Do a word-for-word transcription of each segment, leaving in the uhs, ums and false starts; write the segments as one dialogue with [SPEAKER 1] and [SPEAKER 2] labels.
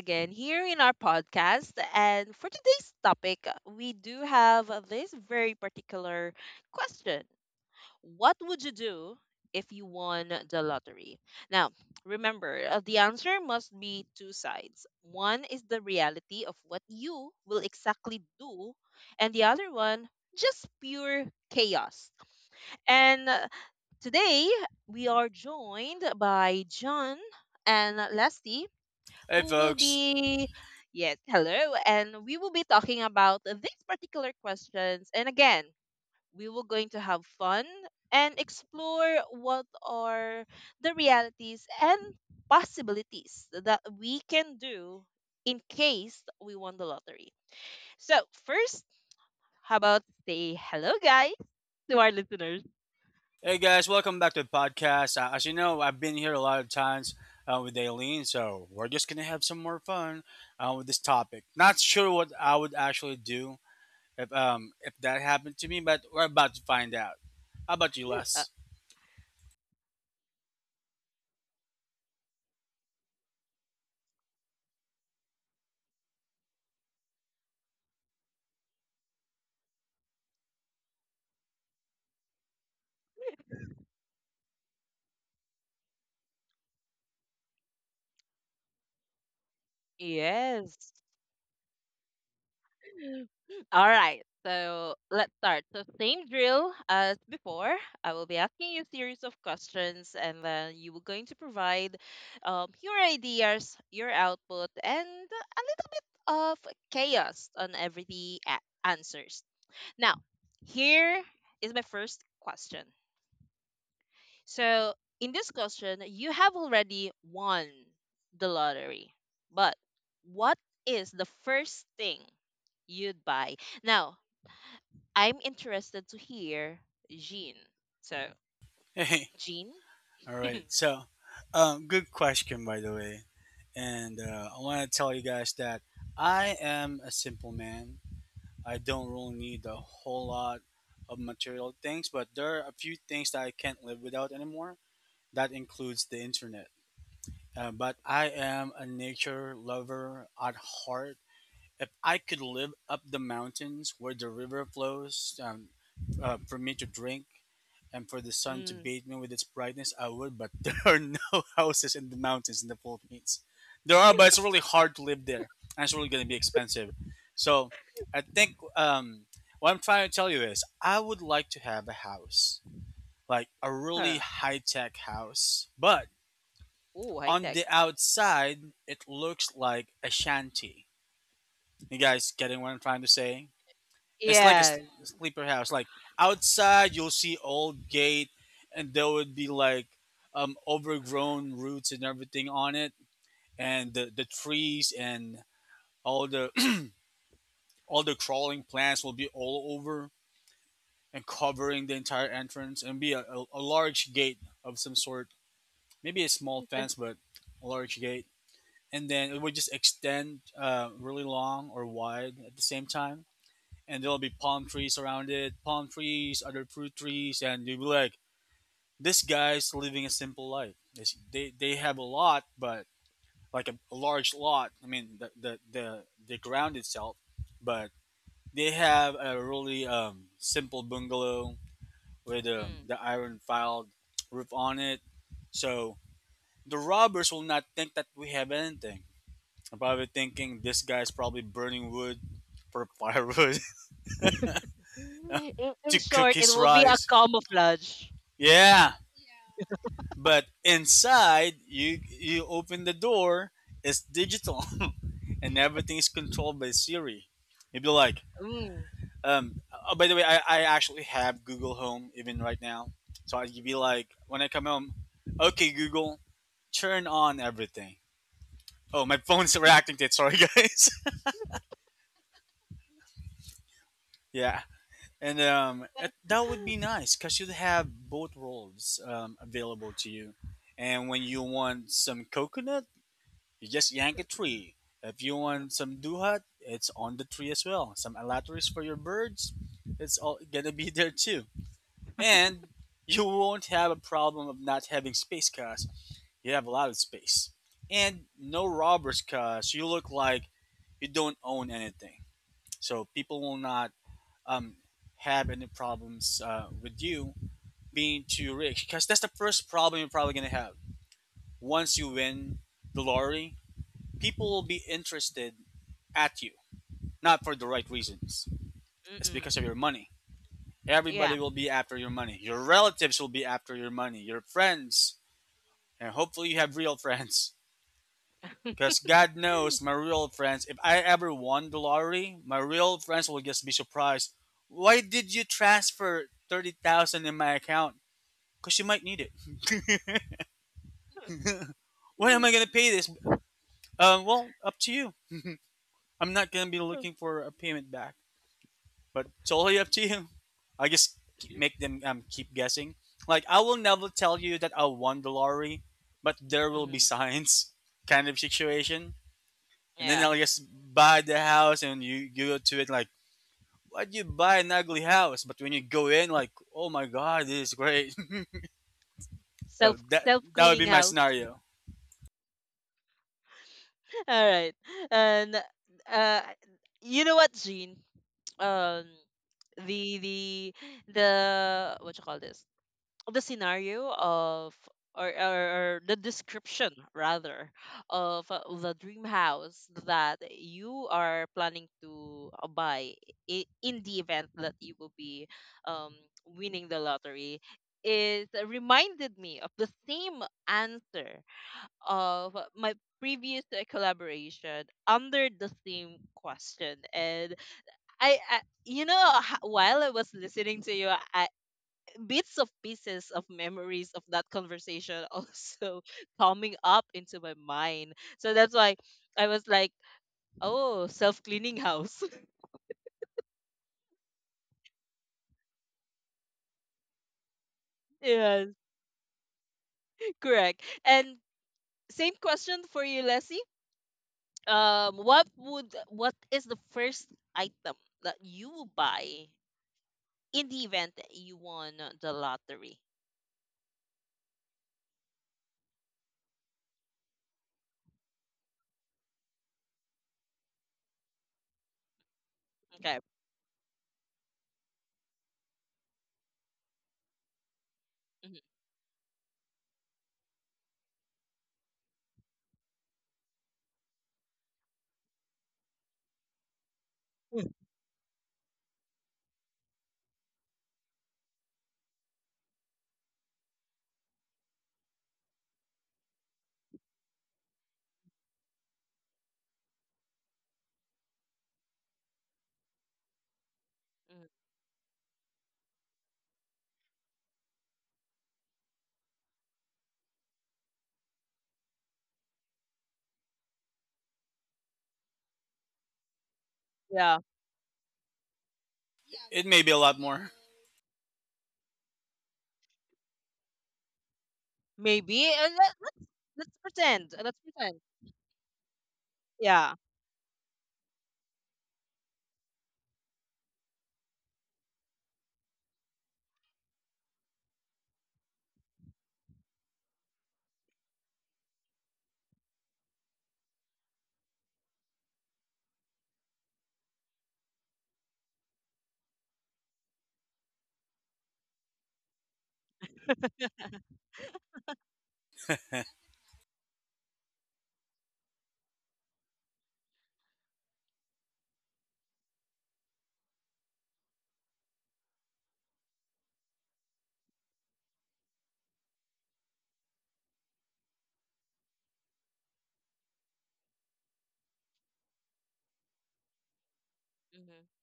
[SPEAKER 1] again here in our podcast. And for today's topic, we do have this very particular question. What would you do if you won the lottery? Now, remember, uh, the answer must be two sides. One is the reality of what you will exactly do, and the other one, just pure chaos. And uh, today, we are joined by John and Leslie
[SPEAKER 2] Hey,
[SPEAKER 1] who will
[SPEAKER 2] folks.
[SPEAKER 1] be, yes, hello, and we will be talking about these particular questions, and again we will going to have fun and explore what are the realities and possibilities that we can do in case we won the lottery. So first, how about say hello guys to our listeners?
[SPEAKER 2] Hey, guys. Welcome back to the podcast. Uh, as you know, I've been here a lot of times uh, with Aileen, so we're just going to have some more fun uh, with this topic. Not sure what I would actually do if, um, if that happened to me, but we're about to find out. How about you,
[SPEAKER 1] Uh,
[SPEAKER 2] Les?
[SPEAKER 1] yes All right, so let's start. So same drill as before. I will be asking you a series of questions, and then you were going to provide um, your ideas, your output, and a little bit of chaos on every the a- answers. Now, here is my first question. So in this question, you have already won the lottery, but what is the first thing you'd buy? Now, I'm interested to hear Jean. So,
[SPEAKER 2] Hey,
[SPEAKER 1] Jean?
[SPEAKER 2] all right. So, um, good question, by the way. And uh, I want to tell you guys that I am a simple man. I don't really need a whole lot of material things, but there are a few things that I can't live without anymore. That includes the internet. Uh, but I am a nature lover at heart. If I could live up the mountains where the river flows um, uh, for me to drink, and for the sun to
[SPEAKER 1] Mm,
[SPEAKER 2] bathe me with its brightness, I would, but there are no houses in the mountains in the Philippines. There are, but it's really hard to live there, and it's really going to be expensive. So I think um, what I'm trying to tell you is I would like to have a house, like a really
[SPEAKER 1] her.
[SPEAKER 2] high tech house, but
[SPEAKER 1] Oh, high
[SPEAKER 2] on
[SPEAKER 1] tech.
[SPEAKER 2] the outside, it looks like a shanty. You guys getting what I'm trying to say? It's like a s-
[SPEAKER 1] Yes.
[SPEAKER 2] sleeper house. Like outside, you'll see old gate, and there would be like um, overgrown roots and everything on it, and the, the trees and all the all the crawling plants will be all over and covering the entire entrance, and be a, a, a large gate of some sort, maybe a small fence, but a large gate, and then it would just extend uh, really long or wide at the same time and there'll be palm trees around it, palm trees, other fruit trees, and you'll be like, this guy's living a simple life. It's, they they have a lot, but like a, a large lot. I mean, the the the, the ground itself, but they have a really um, simple bungalow with um,
[SPEAKER 1] Mm.
[SPEAKER 2] the iron filed roof on it. So the robbers will not think that we have anything. I'm probably thinking this guy's probably burning wood for firewood
[SPEAKER 1] In, in
[SPEAKER 2] to cook
[SPEAKER 1] short, it
[SPEAKER 2] his
[SPEAKER 1] will be a
[SPEAKER 2] rice.
[SPEAKER 1] camouflage.
[SPEAKER 2] Yeah, but inside you you open the door, it's digital, and everything is controlled by Siri. You'd be like,
[SPEAKER 1] Mm.
[SPEAKER 2] um, oh, by the way, I, I actually have Google Home even right now, so I'd be like, when I come home, okay Google, turn on everything. Oh, my phone's reacting to it. Sorry, guys. Yeah, and um, it, that would be nice because you'd have both worlds um, available to you. And when you want some coconut you just yank a tree. If you want some duhat, it's on the tree as well. Some alatris for your birds, it's all gonna be there too. And you won't have a problem of not having space cause you have a lot of space. And no robbers cause you look like you don't own anything. So people will not um, have any problems uh, with you being too rich because that's the first problem you're probably gonna have once you win the lottery. People will be interested at you, not for the right reasons. It's because
[SPEAKER 1] Mm-mm.
[SPEAKER 2] of your money.
[SPEAKER 1] Yeah.
[SPEAKER 2] Everybody will be after your money. Your relatives will be after your money. Your friends, and hopefully you have real friends. Because God knows my real friends, if I ever won the lottery, my real friends will just be surprised. Why did you transfer thirty thousand in my account? Because you might need it. When am I going to pay this? Um, well, up to you. I'm not going to be looking for a payment back, but it's totally up to you. I just k- make them um, keep guessing. Like I will never tell you that I won the lottery, but there will be
[SPEAKER 1] Mhm.
[SPEAKER 2] signs, kind of situation. And then
[SPEAKER 1] Yeah.
[SPEAKER 2] I'll just buy the house, and you, you go to it like, why'd you buy an ugly house? But when you go in, like, oh my god, this is great. So
[SPEAKER 1] Self
[SPEAKER 2] that
[SPEAKER 1] self
[SPEAKER 2] that would
[SPEAKER 1] cleaning
[SPEAKER 2] be my
[SPEAKER 1] house.
[SPEAKER 2] scenario.
[SPEAKER 1] All right. And uh, you know what, Jean? Um the the the what you call this? The scenario of or, or, or the description rather of uh, the dream house that you are planning to uh, buy i- in the event that you will be um, winning the lottery is reminded me of the same answer of my previous uh, collaboration under the same question, and I, I you know h- while I was listening to you, I bits of pieces of memories of that conversation also coming up into my mind. So that's why I was like, oh, self cleaning house. Yes, correct. And same question for you, Leslie. Um, what would what is the first item that you will buy in the event that you won the lottery? Okay. Mhm, mhm. Yeah,
[SPEAKER 2] It may be a lot more.
[SPEAKER 1] maybe. Uh, let, let's let's pretend. Let's pretend. Yeah. Hmm.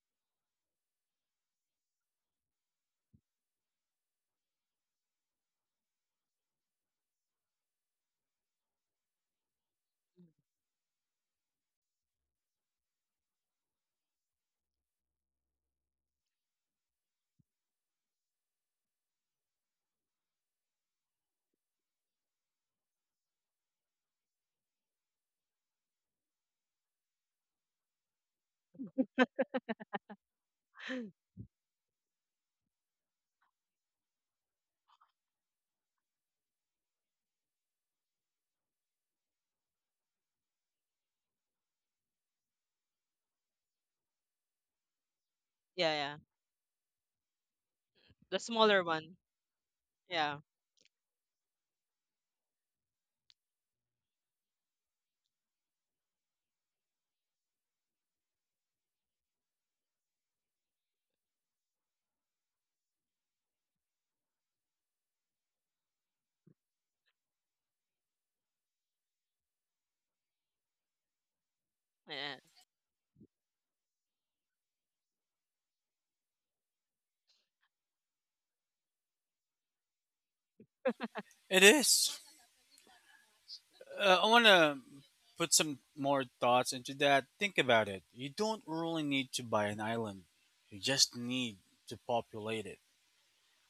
[SPEAKER 1] Yeah, yeah. The smaller one. Yeah. Yeah.
[SPEAKER 2] It is. Uh, I want to put some more thoughts into that. Think about it. You don't really need to buy an island. You just need to populate it.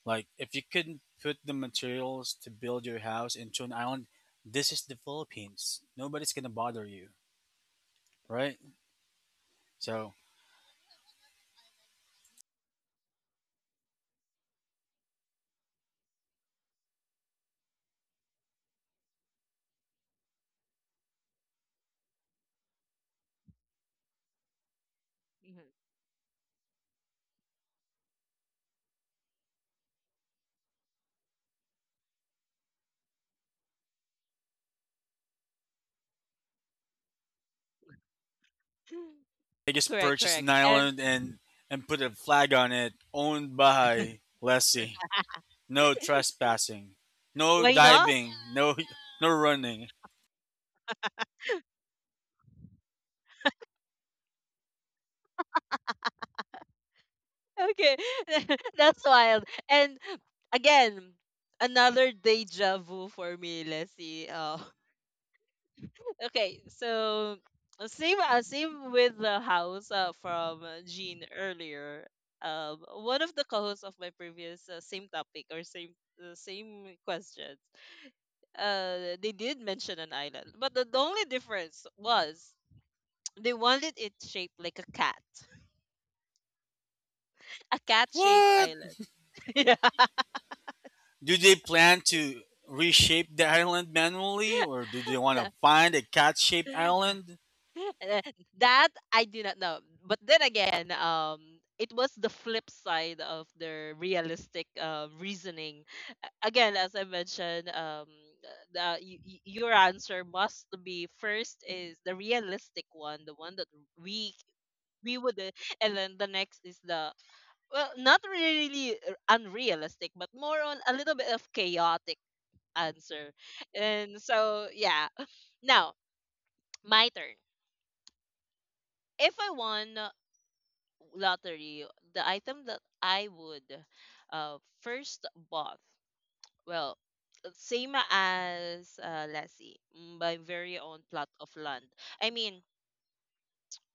[SPEAKER 2] Like if you couldn't put the materials to build your house into an island, this is the Philippines. Nobody's gonna bother you, right? So
[SPEAKER 1] Mhm.
[SPEAKER 2] I just
[SPEAKER 1] Correct,
[SPEAKER 2] purchased an
[SPEAKER 1] correct. And
[SPEAKER 2] island and and put a flag on it, owned by lessee. No trespassing, no
[SPEAKER 1] why not?
[SPEAKER 2] diving, no no running.
[SPEAKER 1] Okay. That's wild. And again, another deja vu for me. Let's see. Okay, so uh, same uh, same with the house uh, from uh, Jean earlier. Um, one of the co-hosts of my previous uh, same topic or same uh, same questions. Uh, they did mention an island, but the the only difference was they wanted it shaped like a cat, a cat-shaped
[SPEAKER 2] What?
[SPEAKER 1] island. Yeah.
[SPEAKER 2] Do they plan to reshape the island manually, or do they want
[SPEAKER 1] No.
[SPEAKER 2] to find a cat-shaped island?
[SPEAKER 1] Uh, that I do not know. But then again, um, it was the flip side of their realistic uh, reasoning. A- Again, as I mentioned, um, uh, the, y- y- your answer must be, first is the realistic one, the one that we we would, uh, and then the next is, the well, not really r- unrealistic, but more on a little bit of chaotic answer. And so, yeah. Now, my turn. If I won lottery, the item that I would uh, first bought, well, same as uh, let's see, mm, my very own plot of land. I mean,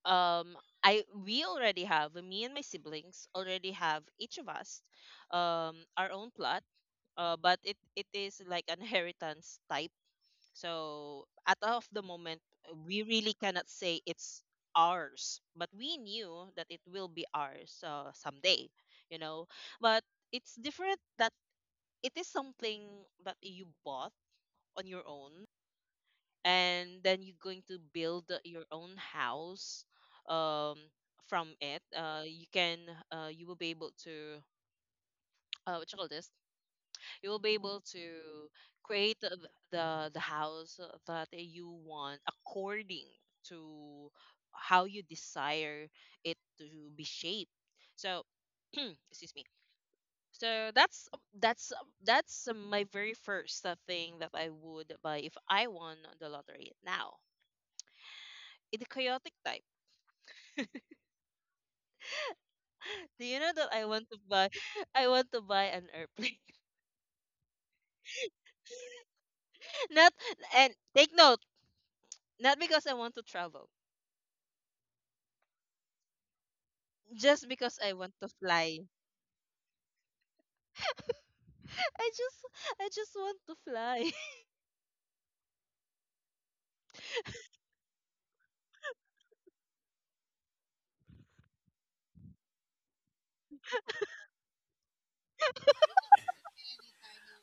[SPEAKER 1] um, I we already have, me and my siblings already have, each of us, um, our own plot. Uh, but it, it is like an inheritance type. So at of the moment, uh, we really cannot say it's ours, but we knew that it will be ours uh, someday, you know. But it's different that it is something that you bought on your own, and then you're going to build your own house um, from it. Uh, you can uh, you will be able to uh, what you call this, you'll be able to create the the, the house that you want according to how you desire it to be shaped. So excuse me, so that's that's that's my very first uh, thing that I would buy if I won the lottery now. In the chaotic type. Do you know that I want to buy I want to buy an airplane? Not, and take note, not because I want to travel, just because I want to fly. I just I just want to fly.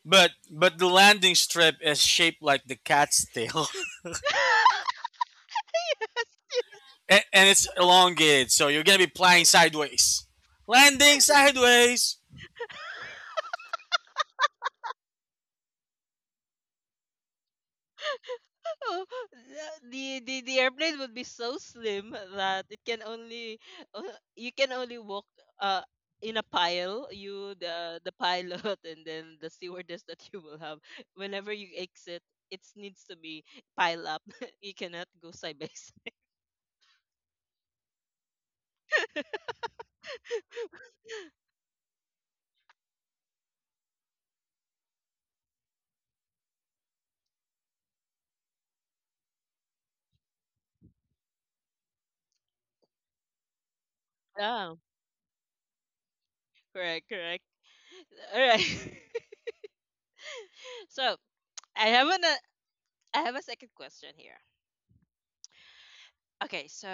[SPEAKER 2] But but the landing strip is shaped like the cat's tail,
[SPEAKER 1] Yes.
[SPEAKER 2] and, and it's elongated, so you're gonna be flying sideways. Landing sideways.
[SPEAKER 1] Oh, the the the airplane would be so slim that it can only, uh, you can only walk uh in a pile, you, the the pilot and then the stewardess that you will have, whenever you exit, it needs to be pile up. You cannot go side by side. Yeah, correct, correct. All right. So I have an uh, I have a second question here. Okay, so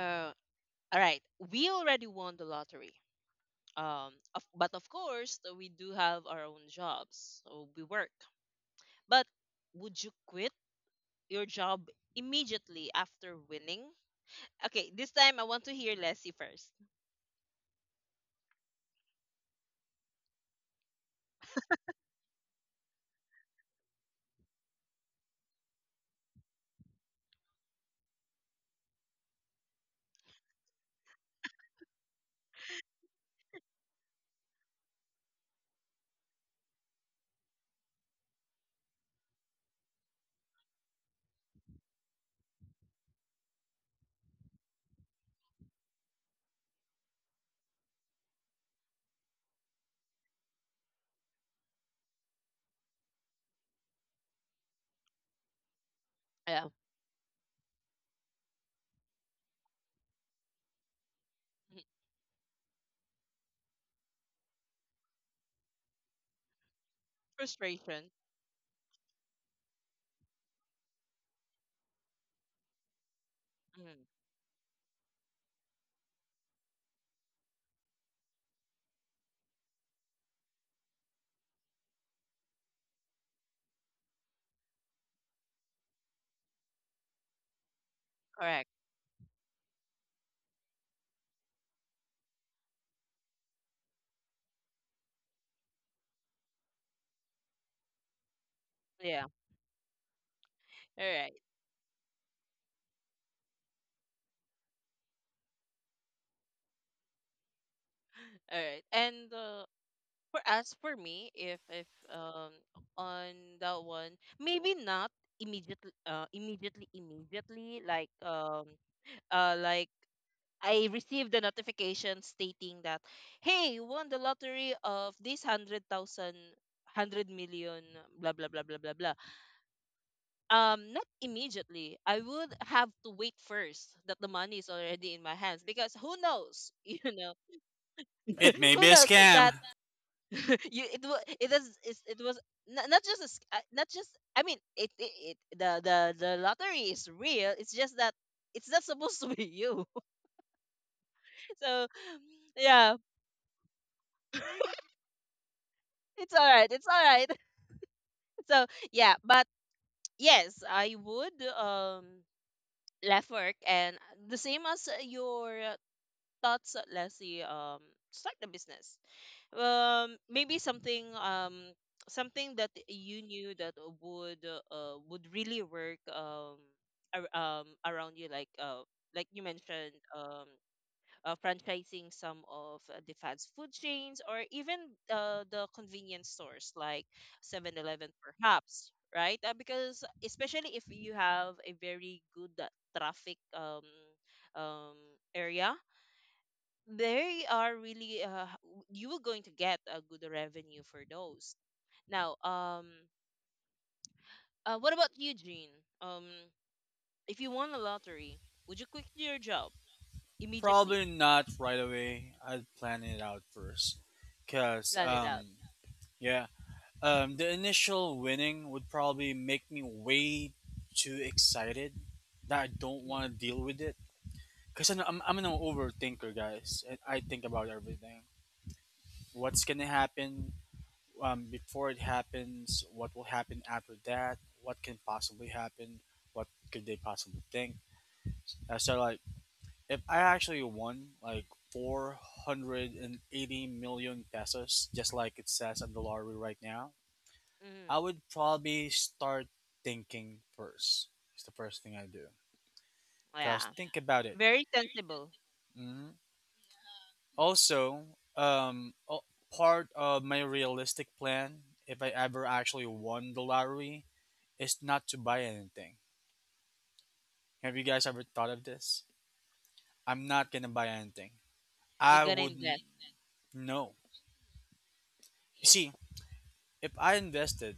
[SPEAKER 1] all right, we already won the lottery. Um, of, but of course, uh, we do have our own jobs, so we work. But would you quit your job immediately after winning? Okay, this time I want to hear Leslie first. Yeah, mhm. Frustration. Mhm. Correct. Yeah. All right, all right. And uh, for us, for me, if if um on that one, maybe not immediately, uh, immediately, immediately, like um, uh, like, I received a notification stating that, hey, you won the lottery of this one hundred thousand, blah, blah, blah, blah, blah, blah. Um, not immediately. I would have to wait first that the money is already in my hands because who knows, you know,
[SPEAKER 2] It may
[SPEAKER 1] who
[SPEAKER 2] be a
[SPEAKER 1] knows that,
[SPEAKER 2] scam.
[SPEAKER 1] you, it was, it is it's- it was not, not just a sc- uh, not just, I mean, it, it it the the the lottery is real. It's just that it's not supposed to be you. So yeah. It's all right. It's all right. So yeah, but yes, I would um left work, and the same as your thoughts, Leslie. Um, start the business. Um, maybe something um something that you knew that would uh would really work um ar- um around you, like uh like you mentioned, um, uh, franchising some of uh, the fast food chains or even uh, the convenience stores like Seven Eleven, perhaps, right? Uh, because especially if you have a very good uh, traffic um, um, area, they are really uh, w- you are going to get a good revenue for those. Now, um, uh, what about you, Jean? Um, if you won a lottery, would you quit your job immediately?
[SPEAKER 2] Probably not right away. I'd plan it out first, cause
[SPEAKER 1] Plan it
[SPEAKER 2] um
[SPEAKER 1] out.
[SPEAKER 2] yeah, Um, the initial winning would probably make me way too excited that I don't
[SPEAKER 1] Mm-hmm.
[SPEAKER 2] want to deal with it. Because I'm, I'm, I'm an overthinker, guys. I, I think about everything. What's going to happen um, before it happens? What will happen after that? What can possibly happen? What could they possibly think? Uh, so, like, if I actually won, like, four hundred eighty million pesos, just like it says on the lottery right now,
[SPEAKER 1] Mm-hmm.
[SPEAKER 2] I would probably start thinking first. It's the first thing I do. Cause
[SPEAKER 1] Yeah.
[SPEAKER 2] think about it.
[SPEAKER 1] Very sensible.
[SPEAKER 2] Mhm. Also, um, o- part of my realistic plan, if I ever actually won the lottery, is not to buy anything. Have you guys ever thought of this? I'm not gonna buy anything.
[SPEAKER 1] You're
[SPEAKER 2] I
[SPEAKER 1] gonna
[SPEAKER 2] wouldn't.
[SPEAKER 1] invest.
[SPEAKER 2] No. You see, if I invested,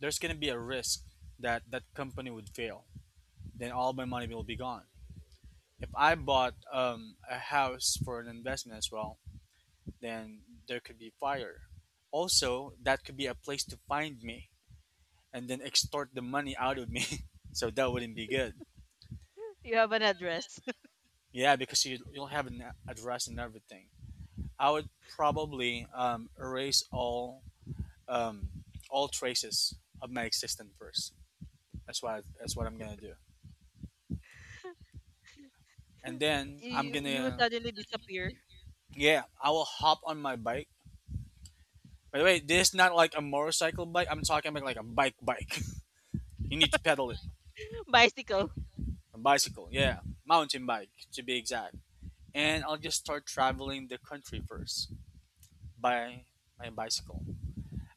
[SPEAKER 2] there's gonna be a risk that that company would fail. Then all my money will be gone. If I bought um, a house for an investment as well, then there could be fire. Also, that could be a place to find me and then extort the money out of me. So that wouldn't be good.
[SPEAKER 1] You have an address.
[SPEAKER 2] Yeah, because you, you'll have an address and everything. I would probably um, erase all um, all traces of my existence first. That's what I, that's what I'm gonna do. And then I'm
[SPEAKER 1] you you will
[SPEAKER 2] gonna
[SPEAKER 1] suddenly disappear.
[SPEAKER 2] yeah, I will hop on my bike. By the way, this is not like a motorcycle bike. I'm talking about like a bike bike. You need to pedal it.
[SPEAKER 1] Bicycle.
[SPEAKER 2] A bicycle, yeah. Mountain bike, to be exact. And I'll just start traveling the country first by my bicycle.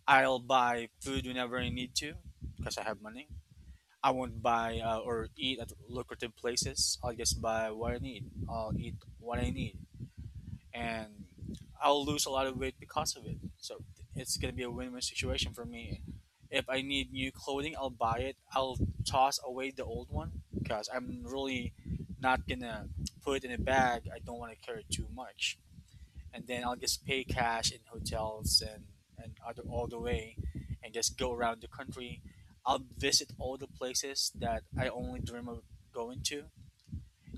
[SPEAKER 2] I'll buy food whenever I need to because I have money. I won't buy uh, or eat at lucrative places. I'll just buy what I need. I'll eat what I need, and I'll lose a lot of weight because of it. So it's gonna be a win-win situation for me. If I need new clothing, I'll buy it. I'll toss away the old one because I'm really not gonna put it in a bag. I don't want to carry too much, and then I'll just pay cash in hotels and and other all the way, and just go around the country. I'll visit all the places that I only dream of going to,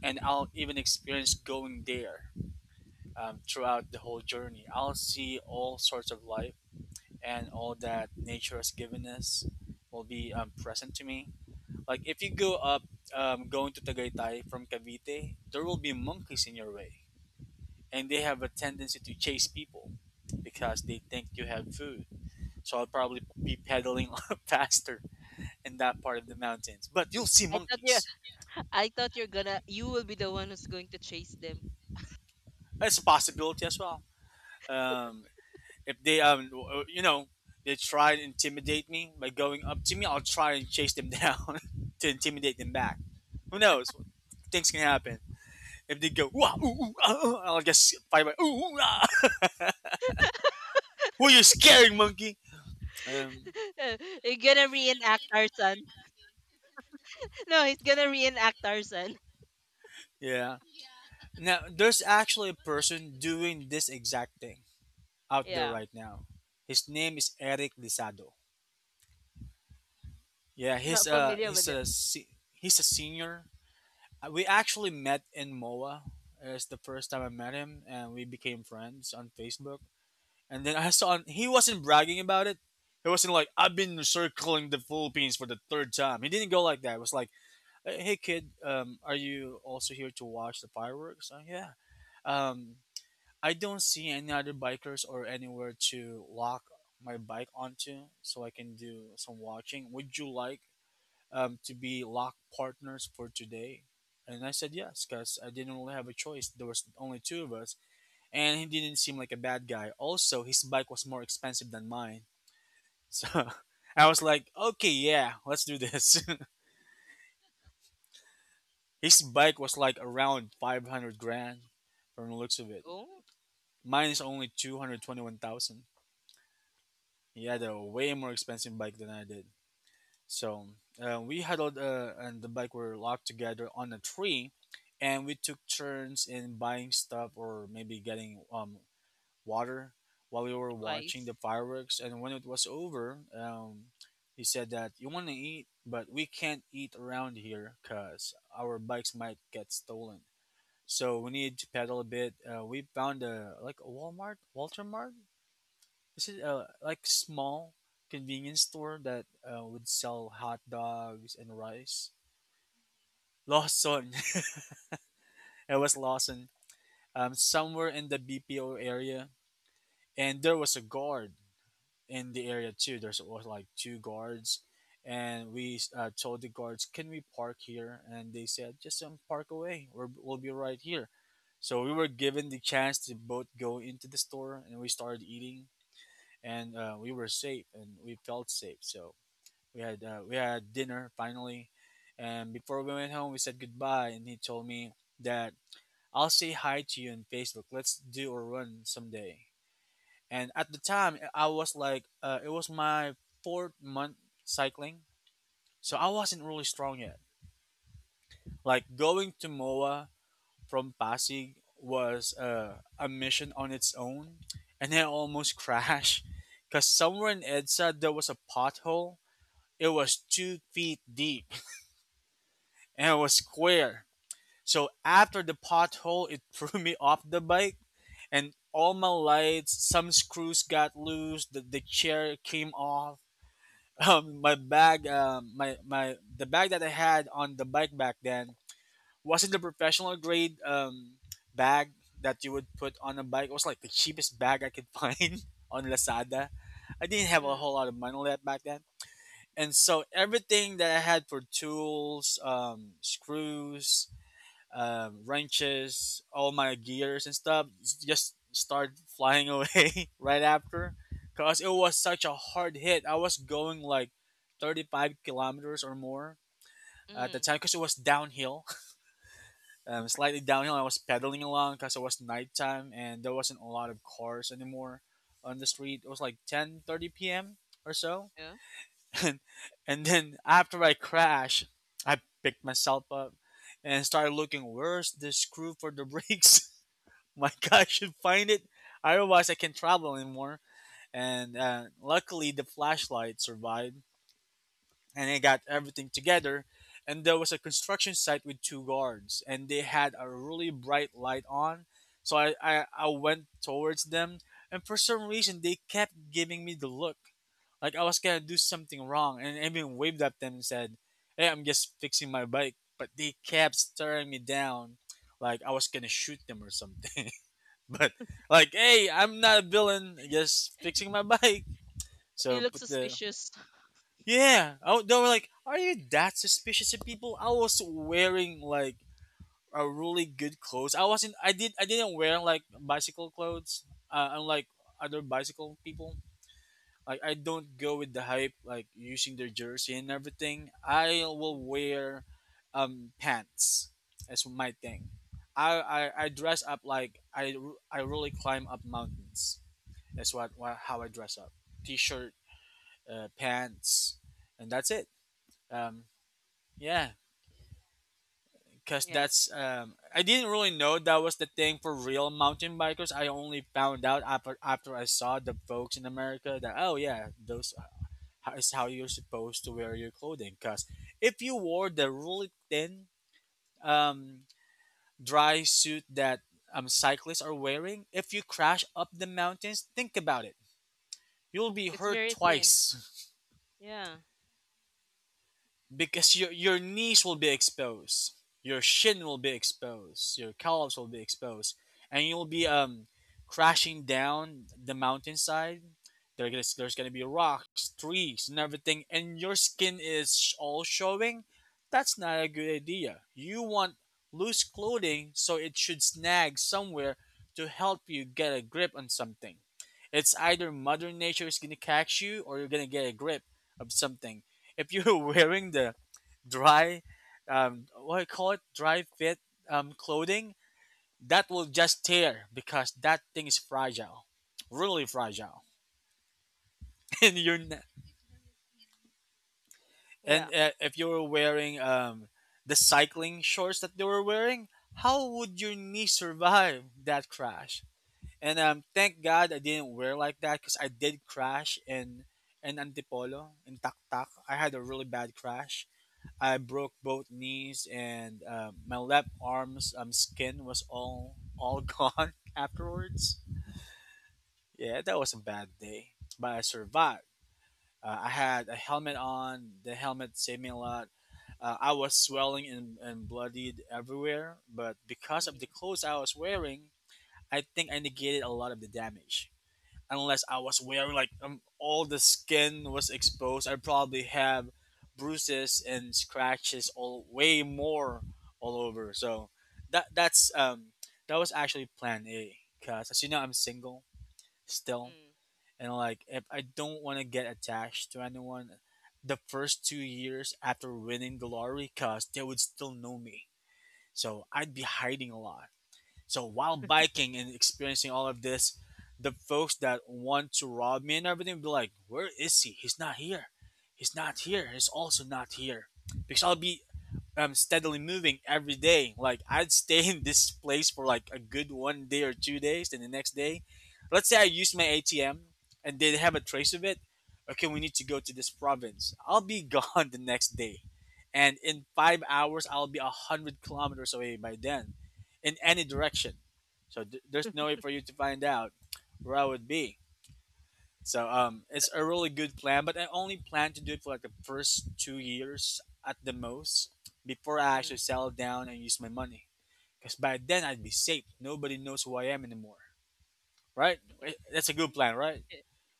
[SPEAKER 2] and I'll even experience going there um, throughout the whole journey. I'll see all sorts of life and all that nature has given us will be um, present to me. Like if you go up, um, going to Tagaytay from Cavite, there will be monkeys in your way, and they have a tendency to chase people because they think you have food. So I'll probably be pedaling faster in that part of the mountains, but you'll see
[SPEAKER 1] I thought you
[SPEAKER 2] monkeys.
[SPEAKER 1] I thought you're gonna, you will be the one who's going to chase them.
[SPEAKER 2] That's a possibility as well. Um, if they um w- you know they try to intimidate me by going up to me, I'll try and chase them down to intimidate them back. Who knows, things can happen if they go "Wah, ooh, ooh, ah, ooh," I'll just fight my ooh, ooh, ah. Who are you scaring, monkey? um
[SPEAKER 1] You're gonna reenact Tarzan. No, he's gonna reenact Tarzan.
[SPEAKER 2] yeah, now there's actually a person doing this exact thing out there
[SPEAKER 1] Yeah.
[SPEAKER 2] right now. His name is Eric Lisado. Yeah, he's
[SPEAKER 1] Not
[SPEAKER 2] a
[SPEAKER 1] familiar
[SPEAKER 2] he's
[SPEAKER 1] with it.
[SPEAKER 2] a se- he's a senior. Uh, We actually met in MOA. It's the first time I met him, and we became friends on Facebook. And then I saw he wasn't bragging about it. He wasn't like I've been circling the Philippines for the third time. He didn't go like that. It was like, "Uh, hey kid, um, are you also here to watch the fireworks?" Uh, yeah. Um, I don't see any other bikers or anywhere to lock my bike onto, so I can do some watching. Would you like um, to be lock partners for today? And I said yes, because I didn't really have a choice. There was only two of us, and he didn't seem like a bad guy. Also, his bike was more expensive than mine, so I was like, okay, yeah, let's do this. His bike was like around five hundred grand, from the looks of it.
[SPEAKER 1] Oh,
[SPEAKER 2] Mine is only two hundred twenty-one thousand. He had a way more expensive bike than I did. So uh, we huddled uh, and the bike were locked together on a tree, and we took turns in buying stuff or maybe getting um, water while we were watching
[SPEAKER 1] supplies.
[SPEAKER 2] the fireworks. And when it was over, um, he said that you want to eat, but we can't eat around here because our bikes might get stolen. So we need to pedal a bit. Uh, we found a like a Walmart, Walter Mart, is it uh, like small convenience store that uh, would sell hot dogs and rice? Lawson. It was Lawson. Um, somewhere in the B P O area, and there was a guard in the area too. There's was like two guards, and we uh, told the guards, "Can we park here?" And they said, "Just um, park away. We're, we'll be right here." So we were given the chance to both go into the store, and we started eating, and uh, we were safe, and we felt safe. So We had uh, we had dinner finally, and before we went home, we said goodbye, and he told me that I'll say hi to you on Facebook. Let's do a run someday. And at the time, I was like, uh, it was my fourth month cycling, so I wasn't really strong yet. Like going to Moa from Pasig was uh, a mission on its own, and I almost crashed because somewhere in Edsa there was a pothole. It was two feet deep and it was square. So after the pothole, it threw me off the bike and all my lights, some screws got loose, the, the chair came off. Um, my bag, um, my, my, the bag that I had on the bike back then wasn't the professional grade um, bag that you would put on a bike. It was like the cheapest bag I could find on Lazada. I didn't have a
[SPEAKER 1] Mm,
[SPEAKER 2] whole lot of money left back then. And so everything that I had for tools, um, screws, um, wrenches, all my gears and stuff just start flying away right after because it was such a hard hit. I was going like thirty-five kilometers or more
[SPEAKER 1] mm,
[SPEAKER 2] at the
[SPEAKER 1] mm,
[SPEAKER 2] time because it was downhill, um, slightly downhill. I was pedaling along because it was nighttime and there wasn't a lot of cars anymore on the street. It was like ten thirty p m or so.
[SPEAKER 1] yeah.
[SPEAKER 2] and, and then after I crashed, I picked myself up and started looking where's the screw for the brakes. My God, should find it. Otherwise, I can't travel anymore. And uh, luckily, the flashlight survived and I got everything together. And there was a construction site with two guards, and they had a really bright light on. So I, I, I went towards them, and for some reason, they kept giving me the look like I was gonna do something wrong. And I even waved at them and said, "Hey, I'm just fixing my bike." But they kept staring me down like I was gonna shoot them or something. But like, hey, I'm not a villain, just fixing my bike.
[SPEAKER 1] It
[SPEAKER 2] So
[SPEAKER 1] looks
[SPEAKER 2] put the
[SPEAKER 1] suspicious.
[SPEAKER 2] yeah, I, w- they were like, "Are you that suspicious of people?" I was wearing like a really good clothes. I wasn't. I did. I didn't wear like bicycle clothes, uh, unlike other bicycle people. Like I don't go with the hype, like using their jersey and everything. I will
[SPEAKER 1] Mm,
[SPEAKER 2] wear um pants as my thing. I, I, I dress up like I, r- I really climb up mountains. That's what, what how I dress up. T-shirt, uh, pants, and that's it. Um, yeah, because
[SPEAKER 1] yeah.
[SPEAKER 2] that's um, I didn't really know that was the thing for real mountain bikers. I only found out after after I saw the folks in America that oh yeah, those uh, is how you're supposed to wear your clothing. Because if you wore the really thin um, dry suit that um, cyclists are wearing, if you crash up the mountains, think about it, you'll be
[SPEAKER 1] It's
[SPEAKER 2] hurt
[SPEAKER 1] very thin.
[SPEAKER 2] twice.
[SPEAKER 1] Yeah.
[SPEAKER 2] Because your your knees will be exposed, your shin will be exposed, your calves will be exposed, and you'll be um crashing down the mountainside. There gonna there's gonna be rocks, trees, and everything, and your skin is sh- all showing. That's not a good idea. You want loose clothing so it should snag somewhere to help you get a grip on something. It's either Mother Nature is gonna catch you or you're gonna get a grip of something if you're wearing the dry, um, what do you call it, dry fit um, clothing, that will just tear because that thing is fragile, really fragile. And you're n-
[SPEAKER 1] Yeah.
[SPEAKER 2] and uh, if you're wearing um, the cycling shorts that they were wearing, how would your knee survive that crash? And um, thank God I didn't wear like that because I did crash in in Antipolo in Taktak. I had a really bad crash. I broke both knees and uh, my left arm's um, skin was all all gone afterwards. Yeah, that was a bad day, but I survived. Uh, I had a helmet on. The helmet saved me a lot. Uh, I was swelling and, and bloodied everywhere, but because of
[SPEAKER 1] Mm,
[SPEAKER 2] the clothes I was wearing, I think I negated a lot of the damage unless I was wearing like um, all the skin was exposed. I probably have bruises and scratches all way more all over. So that that's um that was actually plan A because as you know I'm single still and like if I don't want to get attached to anyone the first two years after winning the lottery because they would still know me. So I'd be hiding a lot. So while biking and experiencing all of this, the folks that want to rob me and everything will be like, "Where is he? He's not here. He's not here. He's also not here." Because I'll be um, steadily moving every day. Like I'd stay in this place for like a good one day or two days, then the next day, let's say I use my A T M and they have a trace of it. Okay, we need to go to this province. I'll be gone the next day, and in five hours I'll be a hundred kilometers away by then, in any direction. So th- there's no way for you to find out where I would be. So um, it's a really good plan, but I only plan to do it for like the first two years at the most before I actually
[SPEAKER 1] mm,
[SPEAKER 2] settle down and use my money. Because by then I'd be safe. Nobody knows who I am anymore, right? Wait, that's a good plan, right?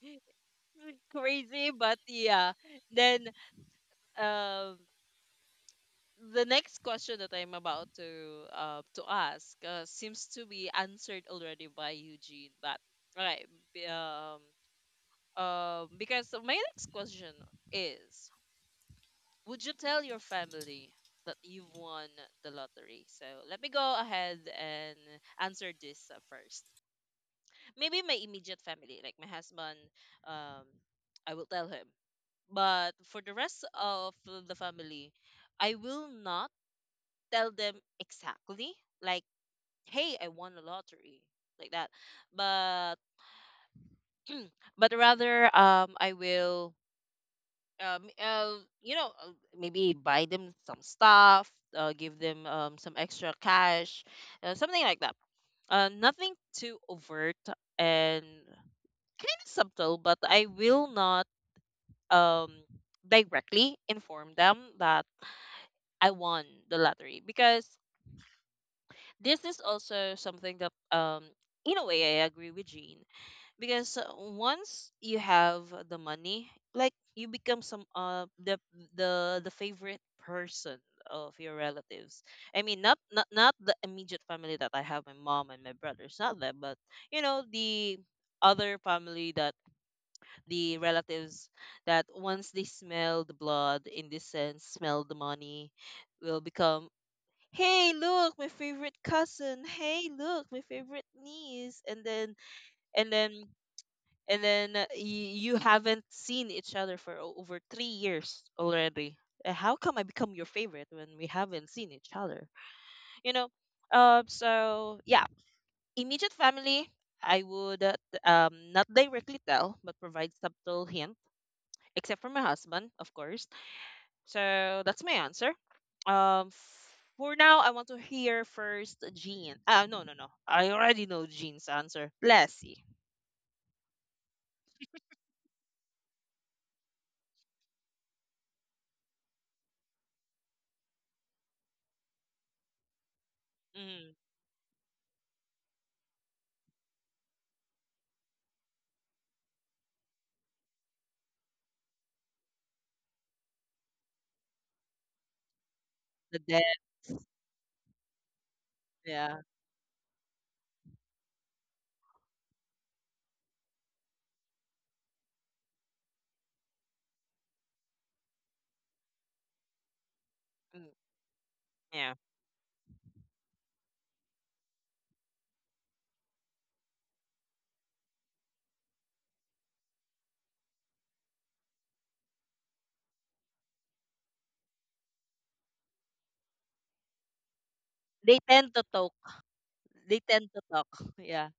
[SPEAKER 1] mm. Crazy, but yeah. Then um the next question that I'm about to uh, to ask uh, seems to be answered already by Eugene. But all right, b- um, uh, because my next question is, would you tell your family that you've won the lottery? So let me go ahead and answer this uh, first. Maybe my immediate family, like my husband, um, I will tell him. But for the rest of the family, I will not tell them exactly like, "Hey, I won a lottery." Like that. But but rather um I will um uh, you know, uh, maybe buy them some stuff, uh, give them um some extra cash, uh, something like that. Uh, nothing too overt and kind of subtle, but I will not um directly inform them that I won the lottery because this is also something that um in a way I agree with Jean, because uh, once you have the money, like, you become some uh the the the favorite person of your relatives. I mean, not not not the immediate family that I have, my mom and my brothers, not them, but you know the other family, that the relatives, that once they smell the blood, in this sense smell the money, will become, hey, look, my favorite cousin, hey, look, my favorite niece, and then and then and then uh, y- you haven't seen each other for o- over three years already. Uh, how come I become your favorite when we haven't seen each other, you know? Um, so yeah, immediate family I would uh, t- um not directly tell but provide subtle hint, except for my husband, of course. So that's my answer. Um, for now, I want to hear first Jean. Ah, no, no, no. I already know Jean's answer. Lassie. Mm, the dead. Yeah. Mm, yeah. They tend to talk. They tend to talk. Yeah.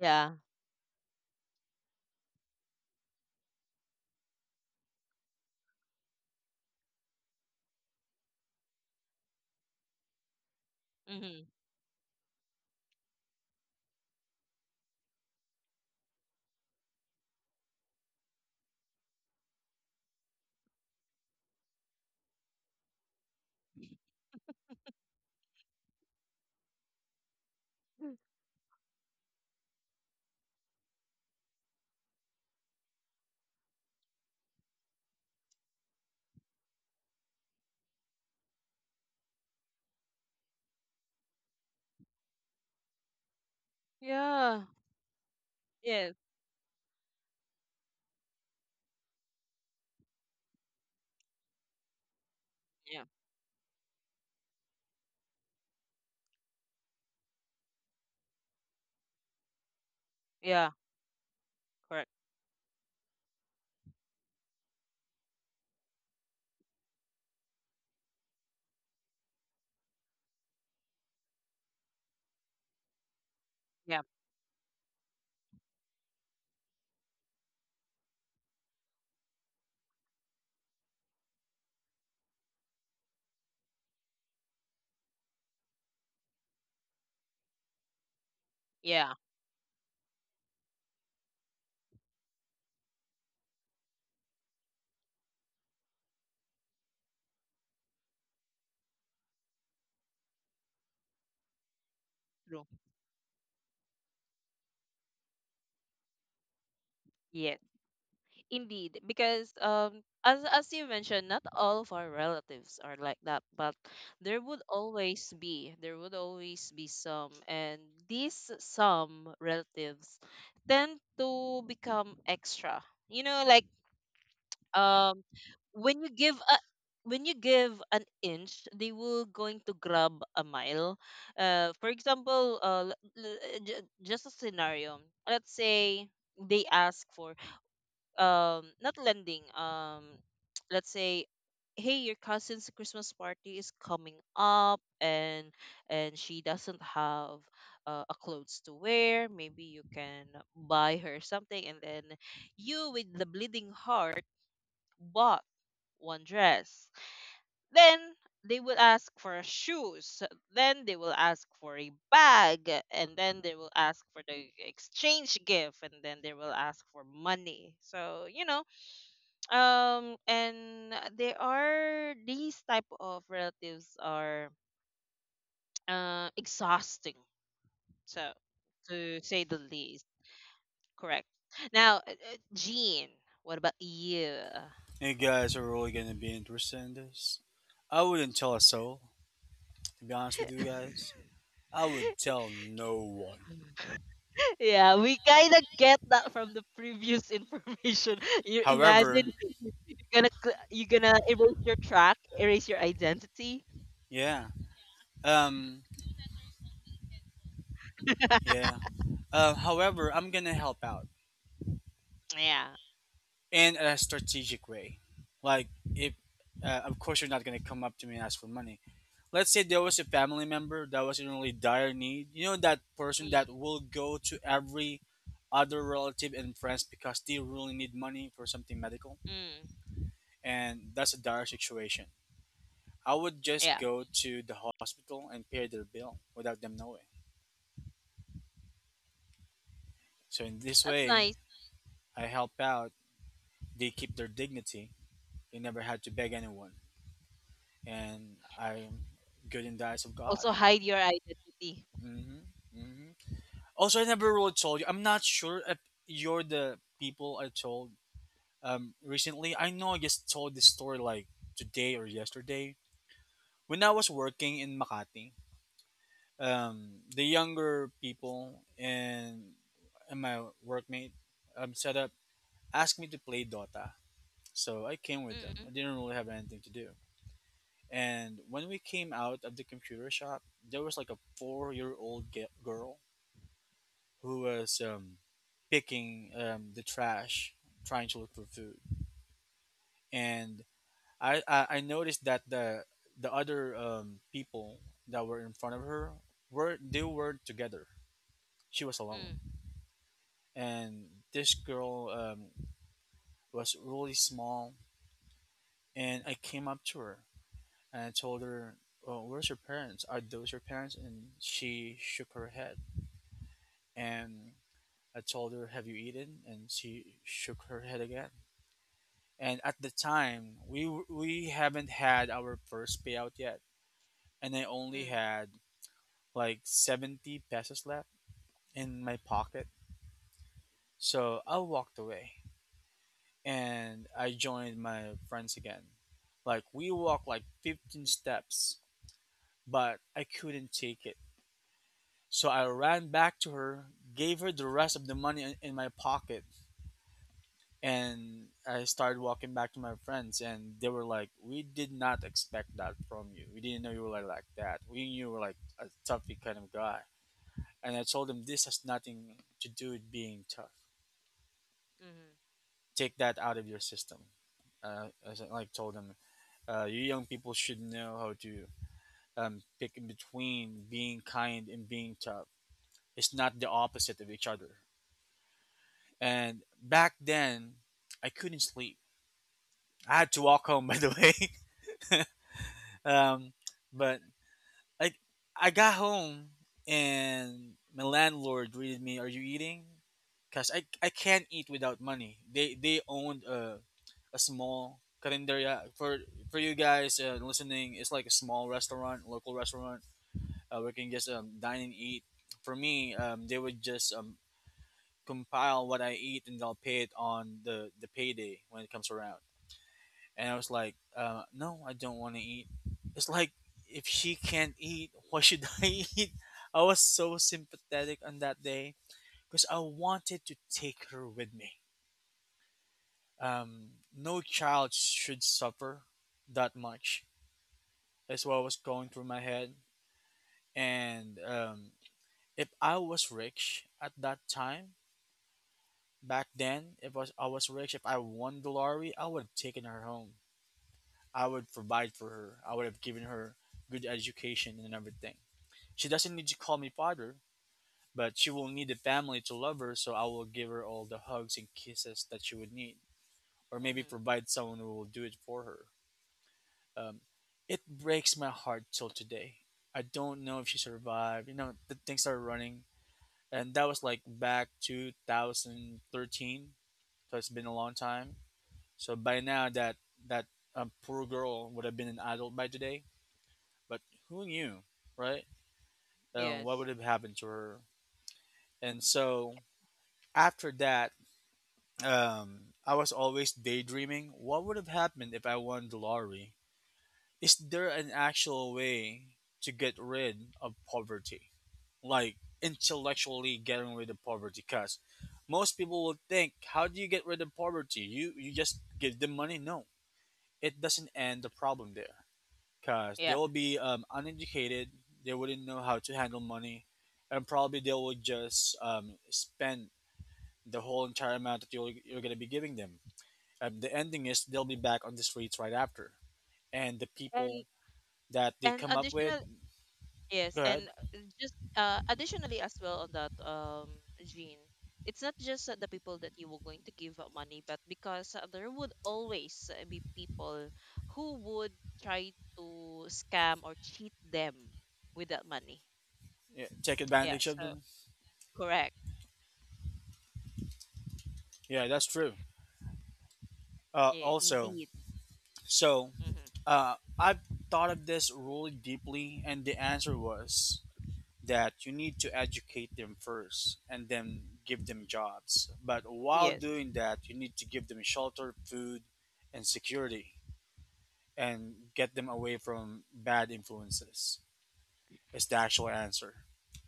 [SPEAKER 1] Yeah. Mm-hmm. Yeah. Yes. Yeah. Yeah. Correct. Yeah. Yeah. True. Yes. Indeed, because um, as as you mentioned, not all of our relatives are like that, but there would always be there would always be some, and these some relatives tend to become extra. You know, like um, when you give a when you give an inch, they will going to grab a mile. Uh, for example, uh, l- l- j- just a scenario. Let's say they ask for um not lending um let's say, hey, your cousin's Christmas party is coming up, and and she doesn't have uh, a clothes to wear, maybe you can buy her something. And then you, with the bleeding heart, bought one dress, then they will ask for shoes, then they will ask for a bag, and then they will ask for the exchange gift, and then they will ask for money. So you know um and there are these type of relatives are uh, exhausting, so to say the least. Correct. Now, uh, uh, Jean, what about you?
[SPEAKER 2] You guys are really gonna be interested in this. I wouldn't tell a soul, to be honest with you guys. I would tell no one.
[SPEAKER 1] Yeah, we kind of get that from the previous information. You imagine
[SPEAKER 2] However,
[SPEAKER 1] you're gonna cl- you're gonna erase your track, erase your identity.
[SPEAKER 2] yeah, um, yeah. Uh, however, I'm gonna help out
[SPEAKER 1] Yeah.
[SPEAKER 2] in a strategic way. Like if uh, of course you're not gonna come up to me and ask for money. Let's say there was a family member that was in really dire need. You know that person
[SPEAKER 1] mm,
[SPEAKER 2] that will go to every other relative and friends because they really need money for something medical,
[SPEAKER 1] mm,
[SPEAKER 2] and that's a dire situation. I would just
[SPEAKER 1] yeah,
[SPEAKER 2] go to the hospital and pay their bill without them knowing. So in this
[SPEAKER 1] that's
[SPEAKER 2] way,
[SPEAKER 1] nice.
[SPEAKER 2] I help out. They keep their dignity. They never had to beg anyone. And I'm good in the eyes of God.
[SPEAKER 1] Also hide your identity.
[SPEAKER 2] hmm hmm Also, I never really told you. I'm not sure if you're the people I told um, recently. I know I just told this story like today or yesterday. When I was working in Makati, um, the younger people and, and my workmate um, set up asked me to play Dota. So I came with
[SPEAKER 1] mm,
[SPEAKER 2] them.
[SPEAKER 1] mm,
[SPEAKER 2] I didn't really have anything to do. And when we came out of the computer shop, there was like a four year old ge- girl who was um, picking um, the trash, trying to look for food. And I, I, I noticed that the the other um, people that were in front of her were they were together. She was
[SPEAKER 1] mm,
[SPEAKER 2] alone, and this girl um, was really small. And I came up to her and I told her, "Oh, where's your parents? Are those your parents?" And she shook her head. And I told her, "Have you eaten?" And she shook her head again. And at the time, we we haven't had our first payout yet, and I only
[SPEAKER 1] mm,
[SPEAKER 2] had like seventy pesos left in my pocket. So I walked away and I joined my friends again. Like we walked like fifteen steps, but I couldn't take it. So I ran back to her, gave her the rest of the money in in my pocket, and I started walking back to my friends, and they were like, "We did not expect that from you. We didn't know you were like, like that. We knew you were like a toughy kind of guy." And I told them this has nothing to do with being tough.
[SPEAKER 1] mm.
[SPEAKER 2] Take that out of your system. Uh, as I like told them, uh, you young people should know how to um, pick in between being kind and being tough. It's not the opposite of each other. And back then, I couldn't sleep. I had to walk home, by the way. um, but I I got home and my landlord greeted me, "Are you eating?" Cause I, I can't eat without money. They they owned a a small carinderia for for you guys uh, listening. It's like a small restaurant, local restaurant, uh, where you can just um, dine and eat. For me, um, they would just um, compile what I eat and they'll pay it on the the payday when it comes around. And I was like, uh, no, I don't want to eat. It's like, if she can't eat, why should I eat? I was so sympathetic on that day because I wanted to take her with me. Um, no child should suffer that much. That's what was going through my head. And um, if I was rich at that time, back then, if I was, I was rich, if I won the lottery, I would have taken her home. I would provide for her. I would have given her good education and everything. She doesn't need to call me father, but she will need the family to love her, so I will give her all the hugs and kisses that she would need, or maybe
[SPEAKER 1] Mm-hmm.
[SPEAKER 2] provide someone who will do it for her. Um, it breaks my heart till today. I don't know if she survived. You know, the things started running, and that was like back two thousand thirteen, so it's been a long time. So by now, that that um, poor girl would have been an adult by today, but who knew, right? Um, what
[SPEAKER 1] Yes.
[SPEAKER 2] would have happened to her? And so after that, um, I was always daydreaming what would have happened if I won the lottery. Is there an actual way to get rid of poverty? Like intellectually getting rid of poverty? Because most people will think, how do you get rid of poverty? You, you just give them money? No, it doesn't end the problem there, because they
[SPEAKER 1] Yeah.
[SPEAKER 2] will be um, uneducated. They wouldn't know how to handle money, and probably they will just um, spend the whole entire amount that you're, you're going to be giving them. Um, the ending is they'll be back on the streets right after, and the people
[SPEAKER 1] And
[SPEAKER 2] that they
[SPEAKER 1] and
[SPEAKER 2] come up with,
[SPEAKER 1] additional, yes.
[SPEAKER 2] go ahead,
[SPEAKER 1] And uh, just uh additionally as well on that, um Gene, it's not just uh, the people that you were going to give uh, money, but because uh, there would always uh, be people who would try to scam or cheat them with that money.
[SPEAKER 2] yeah, take
[SPEAKER 1] Yeah.
[SPEAKER 2] advantage of
[SPEAKER 1] So
[SPEAKER 2] them.
[SPEAKER 1] correct.
[SPEAKER 2] Yeah, that's true. Uh,
[SPEAKER 1] Yeah,
[SPEAKER 2] also,
[SPEAKER 1] indeed.
[SPEAKER 2] so
[SPEAKER 1] Mm-hmm.
[SPEAKER 2] uh, I've thought of this really deeply, and the answer was that you need to educate them first and then give them jobs. But while
[SPEAKER 1] Yes.
[SPEAKER 2] doing that, you need to give them shelter, food, and security and get them away from bad influences, is the actual answer.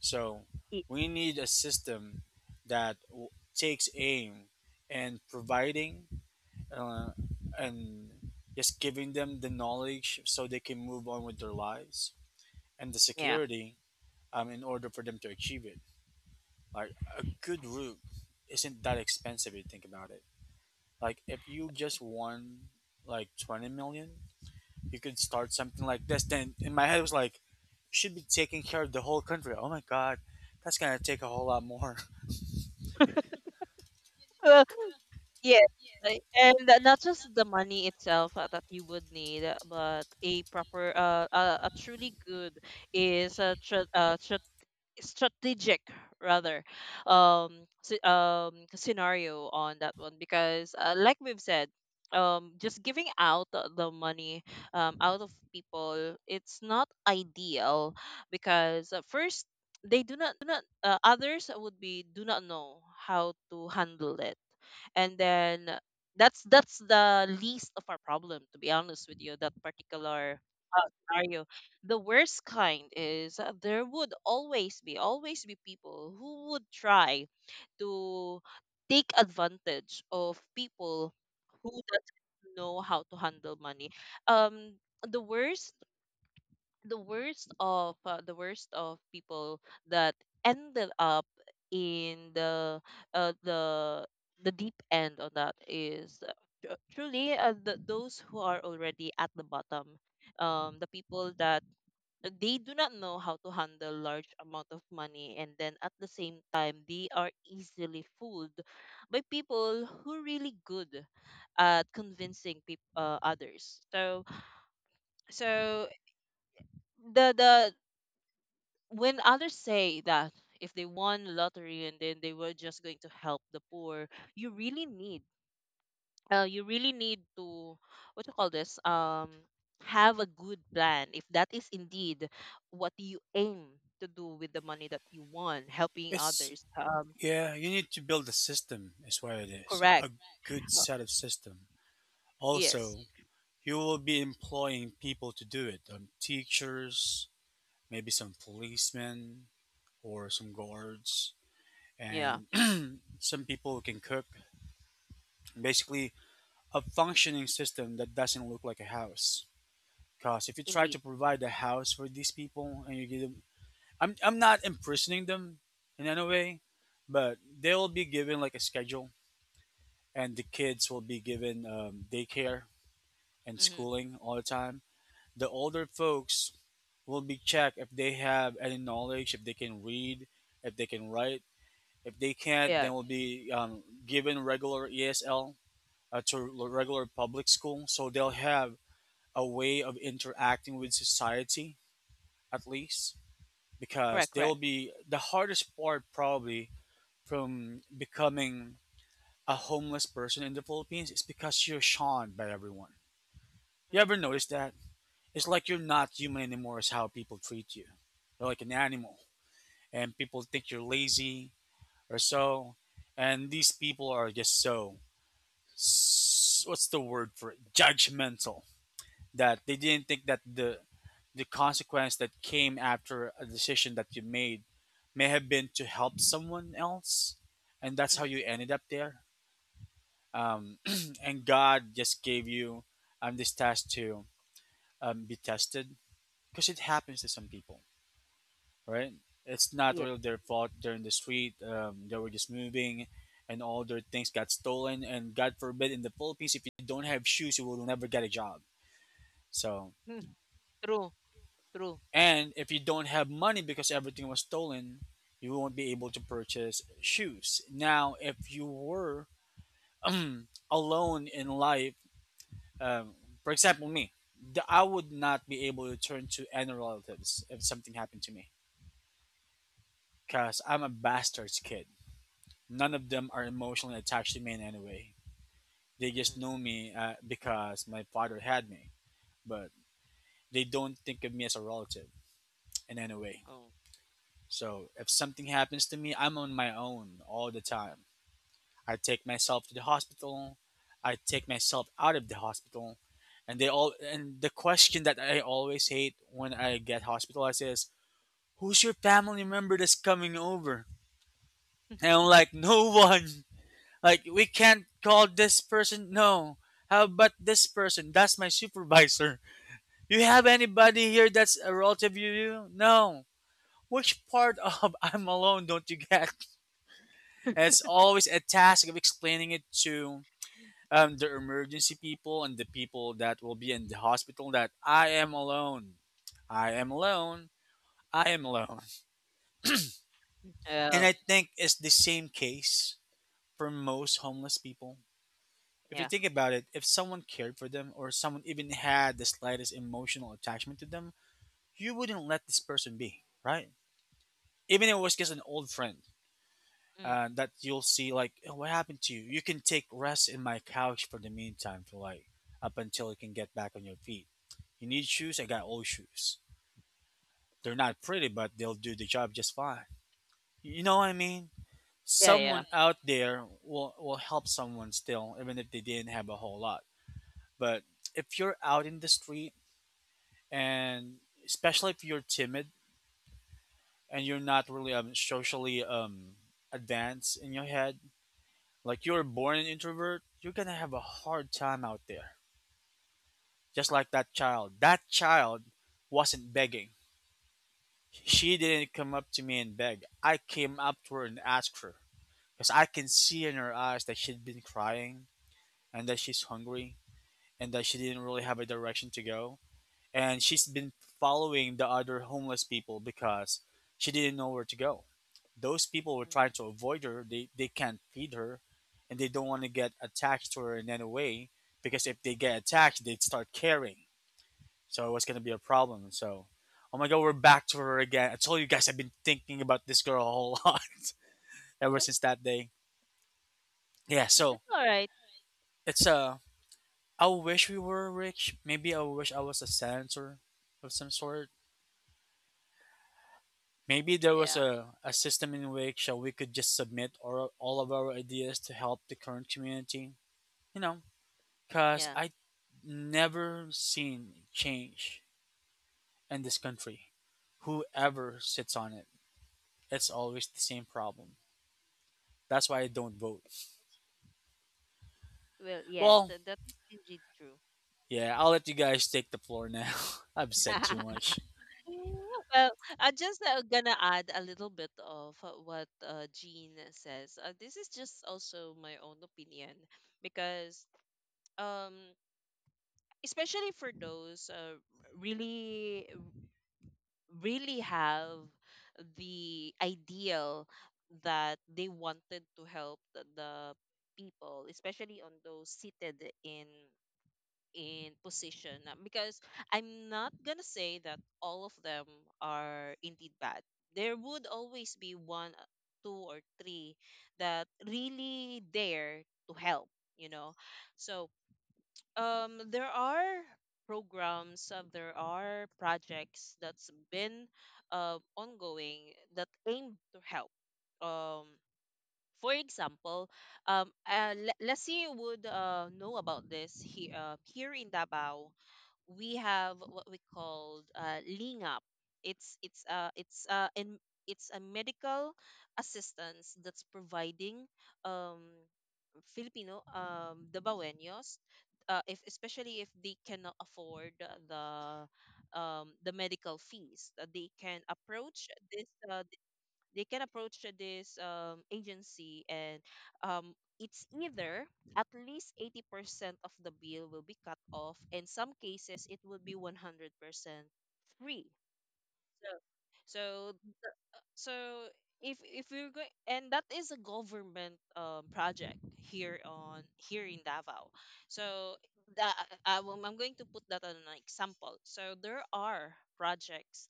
[SPEAKER 2] So
[SPEAKER 1] I-
[SPEAKER 2] we need a system that w- takes aim and providing uh, and just giving them the knowledge so they can move on with their lives and the
[SPEAKER 1] yeah.
[SPEAKER 2] security um, in order for them to achieve it. Like a good root isn't that expensive if you think about it. Like if you just won like twenty million, you could start something like this. Then in my head it was like, you should be taking care of the whole country. Oh my god, that's gonna take a whole lot more.
[SPEAKER 1] Yes, right. And th- not just the money itself uh, that you would need, uh, but a proper, uh, uh, a truly good is a tra uh, tra strategic rather, um, s- um, scenario on that one because, uh, like we've said, um, just giving out the the money um, out of people, it's not ideal because uh, first they do not, uh, others would be do not know how to handle it, and then that's that's the least of our problem, to be honest with you, that particular uh, scenario. The worst kind is, uh, there would always be always be people who would try to take advantage of people who doesn't know how to handle money. um the worst the worst of uh, the worst of people that ended up in the uh, the the deep end on that is uh, tru- truly uh, the, those who are already at the bottom. um the people that they do not know how to handle large amount of money, and then at the same time they are easily fooled by people who really good at convincing people, uh, others. So so the the when others say that if they won lottery and then they were just going to help the poor, you really need, uh, you really need to what you call this, um have a good plan if that is indeed what you aim to do with the money that you won, helping
[SPEAKER 2] It's
[SPEAKER 1] others. um
[SPEAKER 2] yeah, you need to build a system. Is what it is. A
[SPEAKER 1] correct.
[SPEAKER 2] a good
[SPEAKER 1] Uh,
[SPEAKER 2] set of system. Also,
[SPEAKER 1] yes,
[SPEAKER 2] you will be employing people to do it. Um, teachers, maybe some policemen or some guards,
[SPEAKER 1] yeah,
[SPEAKER 2] and some people who can cook. Basically, a functioning system that doesn't look like a house. Because if you try
[SPEAKER 1] indeed.
[SPEAKER 2] to provide a house for these people and you give them, I'm, I'm not imprisoning them in any way, but they will be given like a schedule, and the kids will be given um, daycare and
[SPEAKER 1] Mm-hmm.
[SPEAKER 2] schooling all the time. The older folks will be checked if they have any knowledge, if they can read, if they can write. If they can't,
[SPEAKER 1] Yeah,
[SPEAKER 2] then will be um, given regular E S L uh, to l- regular public school so they'll have a way of interacting with society, at least because
[SPEAKER 1] correct,
[SPEAKER 2] they will
[SPEAKER 1] correct.
[SPEAKER 2] be the hardest part, probably. From becoming a homeless person in the Philippines, is because you're shunned by everyone. You
[SPEAKER 1] Mm-hmm.
[SPEAKER 2] ever notice that? It's like you're not human anymore is how people treat you. You're like an animal and people think you're lazy or so. And these people are just so s- what's the word for it, judgmental, that they didn't think that the the consequence that came after a decision that you made may have been to help someone else and that's how
[SPEAKER 1] Mm-hmm.
[SPEAKER 2] you ended up there. um, and god just gave you um, this task to um, be tested, because it happens to some people, right? It's not
[SPEAKER 1] Yeah.
[SPEAKER 2] really their fault they're in the street. Um, they were just moving and all their things got stolen, and god forbid in the Philippines, if you don't have shoes you will never get a job. So
[SPEAKER 1] Mm. True, true.
[SPEAKER 2] and if you don't have money because everything was stolen, you won't be able to purchase shoes. Now, if you were alone in life, um, for example, me, the, I would not be able to turn to any relatives if something happened to me because I'm a bastard's kid. None of them are emotionally attached to me in any way. They just know
[SPEAKER 1] Mm.
[SPEAKER 2] me uh, because my father had me, but they don't think of me as a relative in any way.
[SPEAKER 1] Oh,
[SPEAKER 2] So if something happens to me, I'm on my own all the time. I take myself to the hospital. I take myself out of the hospital. And they all and the question that I always hate when I get hospitalized is, "Who's your family member that's coming over?" And I'm like, "No one. Like we can't call this person. No. How about this person? That's my supervisor. You have anybody here that's a relative of you? No. Which part of I'm alone don't you get?" And it's always a task of explaining it to um, the emergency people and the people that will be in the hospital that I am alone. I am alone. I am alone. And I
[SPEAKER 1] well,
[SPEAKER 2] think it's the same case for most homeless people. If you
[SPEAKER 1] yeah.
[SPEAKER 2] think about it, if someone cared for them or someone even had the slightest emotional attachment to them, you wouldn't let this person be, right? Even if it was just an old friend,
[SPEAKER 1] Mm.
[SPEAKER 2] and that you'll see like, "Oh, what happened to you? You can take rest in my couch for the meantime, for like up
[SPEAKER 1] Mm.
[SPEAKER 2] until you can get back on your feet. You need shoes, I got old shoes, they're not pretty but they'll do the job just fine. You know what I mean?"
[SPEAKER 1] Yeah, yeah.
[SPEAKER 2] Someone out there will, will help someone still, even if they didn't have a whole lot. But if you're out in the street, and especially if you're timid and you're not really um, socially um, advanced in your head, like you're born an introvert, you're gonna have a hard time out there. Just like that child. That child wasn't begging. She didn't come up to me and beg. I came up to her and asked her. Because I can see in her eyes that she'd been crying and that she's hungry and that she didn't really have a direction to go. And she's been following the other homeless people because she didn't know where to go. Those people will try to avoid her. They they can't feed her, and they don't want to get attached to her in any way because if they get attacked, they'd start caring. So it's gonna be a problem. So, oh my god, we're back to her again. I told you guys I've been thinking about this girl a whole lot ever since that day. Yeah. So
[SPEAKER 1] It's all right.
[SPEAKER 2] it's uh, I wish we were rich. Maybe I wish I was a senator of some sort. Maybe there was
[SPEAKER 1] Yeah.
[SPEAKER 2] a, a system in which uh, we could just submit our, all of our ideas to help the current community. You know, cause
[SPEAKER 1] Yeah.
[SPEAKER 2] I never seen change in this country. Whoever sits on it, it's always the same problem. That's why I don't vote.
[SPEAKER 1] Well, yes,
[SPEAKER 2] Well,
[SPEAKER 1] so that is indeed true.
[SPEAKER 2] yeah, I'll let you guys take the floor now. I've said too much.
[SPEAKER 1] Well, I'm just uh, gonna add a little bit of uh, what uh, Jean says. Uh, this is just also my own opinion because, um, especially for those uh, really, really have the ideal that they wanted to help the the people, especially on those seated in in position, uh, because I'm not gonna say that all of them are indeed bad. There would always be one, uh, two, or three that really dare to help, you know. So, um, there are programs, uh, there are projects that's been uh, ongoing that aim to help. Um, for example, um, uh, Le- Leslie would uh, know about this. He, uh, here in Davao, we have what we called uh, lingap. It's it's uh it's uh in it's a medical assistance that's providing um Filipino, um the baweños, uh, if especially if they cannot afford the um the medical fees, uh, they can approach this uh, they can approach this um, agency, and um, it's either at least eighty percent of the bill will be cut off. In some cases, it will be one hundred percent free. So, so, so if if we're going, and that is a government um, project here on here in Davao. So the, I, am I'm going to put that on an example. So there are projects,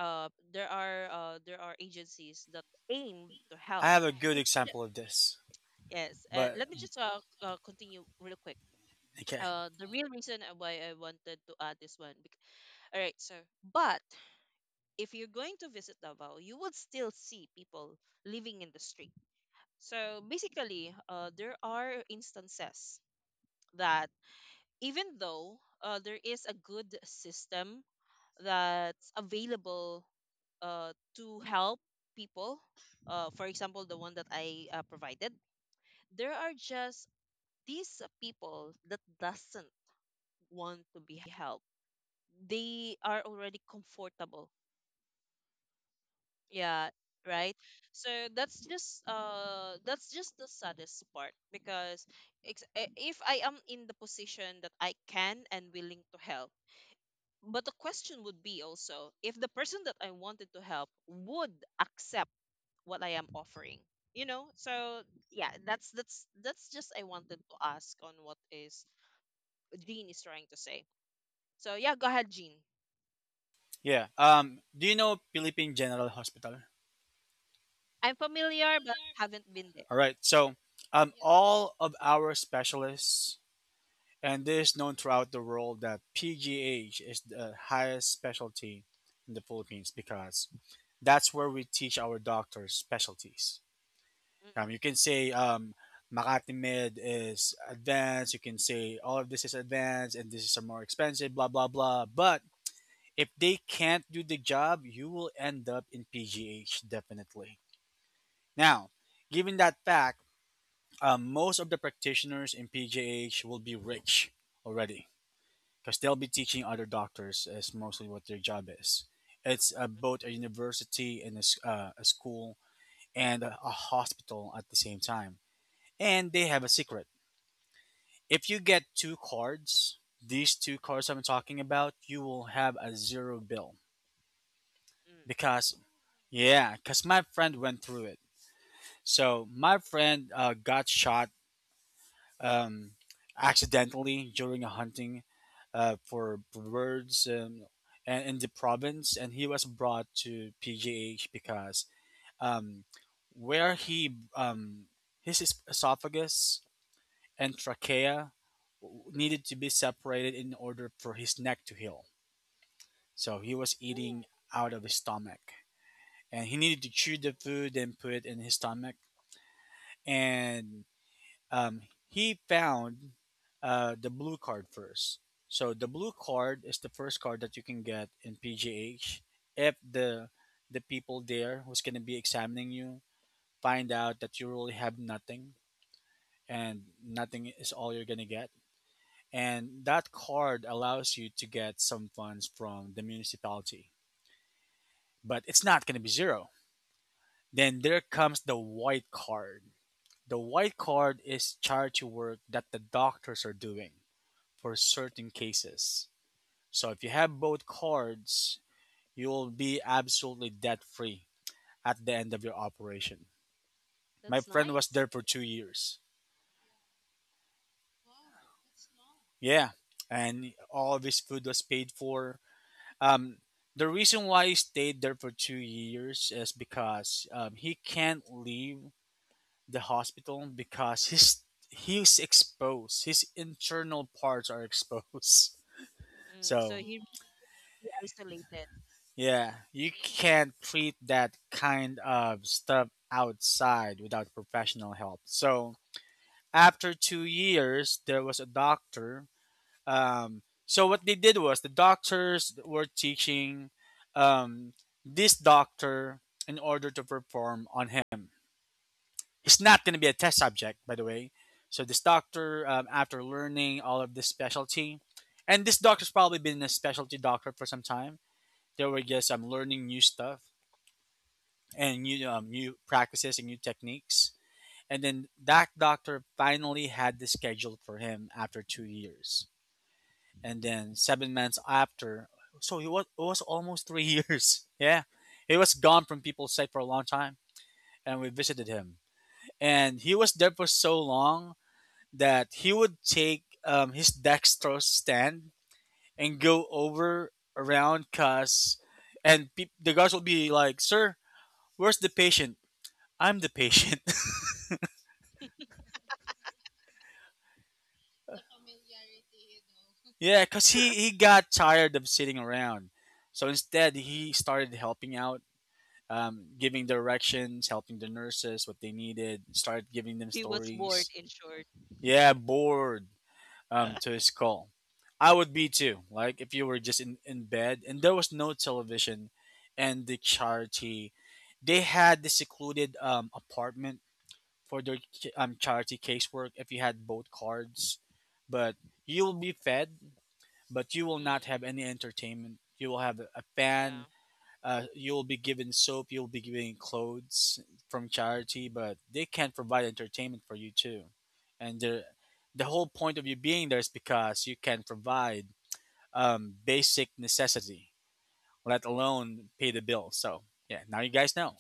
[SPEAKER 1] uh there are uh there are agencies that aim to
[SPEAKER 2] I
[SPEAKER 1] help.
[SPEAKER 2] have a good
[SPEAKER 1] it's ju-
[SPEAKER 2] example of this,
[SPEAKER 1] yes, uh,
[SPEAKER 2] but
[SPEAKER 1] let me just uh, uh continue real quick.
[SPEAKER 2] okay,
[SPEAKER 1] uh the real reason, uh, why I wanted to add this one, bec- all right, so, but if you're going to visit Davao, you would still see people living in the street. So basically, uh there are instances that even though, uh, there is a good system that's available, uh, to help people. Uh, for example, the one that I uh, provided, there are just these people that doesn't want to be helped. They are already comfortable. Yeah, right. So that's just uh that's just the saddest part because, ex- eh, if I am in the position that I can and willing to help, but the question would be also if the person that I wanted to help would accept what I am offering. You know, so yeah, that's that's that's just I wanted to ask on what is Jean is trying to say. So yeah, go ahead, Jean.
[SPEAKER 2] yeah. Um, do you know Philippine General Hospital?
[SPEAKER 1] I'm familiar but haven't been there.
[SPEAKER 2] All right, so um, all of our specialists, and this is known throughout the world that P G H is the highest specialty in the Philippines because that's where we teach our doctors specialties. Um, you
[SPEAKER 1] Mm-mm.
[SPEAKER 2] can say um, Makati Med is advanced. You can say all of this is advanced and this is a more expensive, blah blah blah. But if they can't do the job, you will end up in P G H definitely. Now, given that fact, um, most of the practitioners in P G H will be rich already because they'll be teaching other doctors is mostly what their job is. It's uh, both a university and a, s- uh, a school and a, a hospital at the same time, and they have a secret. If you get two cards, these two cards I'm talking about, you will have a zero bill
[SPEAKER 1] Mm.
[SPEAKER 2] because, yeah, because my friend went through it. So my friend uh, got shot um, accidentally during a hunting uh, for birds um, and in the province, and he was brought to P G H because um, where he um, his es- esophagus and trachea w- needed to be separated in order for his neck to heal. So he was
[SPEAKER 1] Ooh,
[SPEAKER 2] eating out of his stomach, and he needed to chew the food and put it in his stomach. And um, he found uh, the blue card first. So the blue card is the first card that you can get in P G H if the the people there who's going to be examining you find out that you really have nothing and nothing is all you're going to get. And that card allows you to get some funds from the municipality, but it's not going to be zero. Then there comes the white card. The white card is charity work that the doctors are doing for certain cases. So if you have both cards, you will be absolutely debt free at the end of your operation. My
[SPEAKER 1] that's
[SPEAKER 2] friend was
[SPEAKER 1] nice.
[SPEAKER 2] there for two years. Yeah. And all of his food was paid for. Um, the reason why he stayed there for two years is because um, he can't leave the hospital because his he's exposed. His internal parts are exposed.
[SPEAKER 1] Mm. So
[SPEAKER 2] So,
[SPEAKER 1] he really isolated.
[SPEAKER 2] yeah, you can't treat that kind of stuff outside without professional help. So after two years, there was a doctor. Um, so what they did was the doctors were teaching um, this doctor in order to perform on him. It's not going to be a test subject, by the way. So this doctor, um, after learning all of this specialty, and this doctor's probably been a specialty doctor for some time. They were just um, learning new stuff and new um, new practices and new techniques. And then that doctor finally had this scheduled for him after two years. And then seven months after, so it was, it was almost three years. Yeah. He was gone from people's sight for a long time. And we visited him. And he was there for so long that he would take um, his dextrose stand and go over around cuss. And peop the guards would be like, "Sir, where's the patient?" "I'm the patient." Yeah, because he, he got tired of sitting around. So instead, he started helping out, um, giving directions, helping the nurses what they needed, started giving them
[SPEAKER 1] He was bored,
[SPEAKER 2] stories.
[SPEAKER 1] in short.
[SPEAKER 2] Yeah, bored um, to his call. I would be too. Like, if you were just in, in bed and there was no television. And the charity, they had the secluded um, apartment for their ch- um, charity casework if you had both cards. But you will be fed but you will not
[SPEAKER 1] Mm,
[SPEAKER 2] have any entertainment. You will have a
[SPEAKER 1] yeah.
[SPEAKER 2] fan. Uh, you will be given soap. You will be given clothes from charity, but they can't provide entertainment for you too. And the the whole point of you being there is because you can provide um, basic necessity, let alone pay the bill. So yeah, now you guys know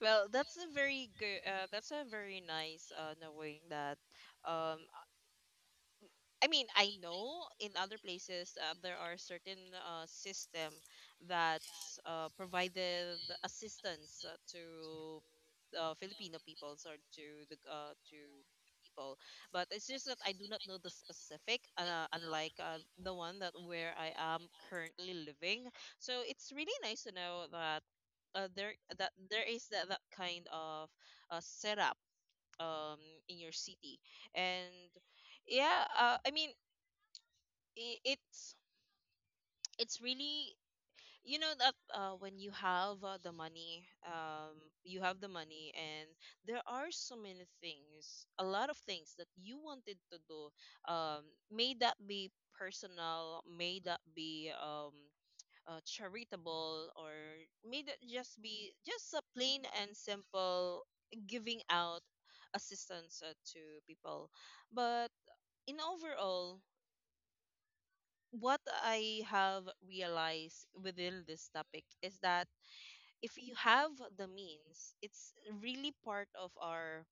[SPEAKER 1] Well, that's a very good. Uh, that's a very nice, uh, knowing that, um I mean, I know in other places, uh, there are certain uh, system that uh, provided assistance, uh, to uh, Filipino peoples or to the uh, to people, but it's just that I do not know the specific, uh, unlike uh, the one that where I am currently living. So it's really nice to know that uh, there that there is that, that kind of uh, setup, um, in your city. And yeah, uh, I mean, i- it's it's really, you know that, uh, when you have, uh, the money um, you have the money and there are so many things, a lot of things that you wanted to do, um, may that be personal, may that be, um, uh, charitable, or may that just be just a plain and simple giving out assistance, uh, to people. But in overall, what I have realized within this topic is that if you have the means, it's really part of our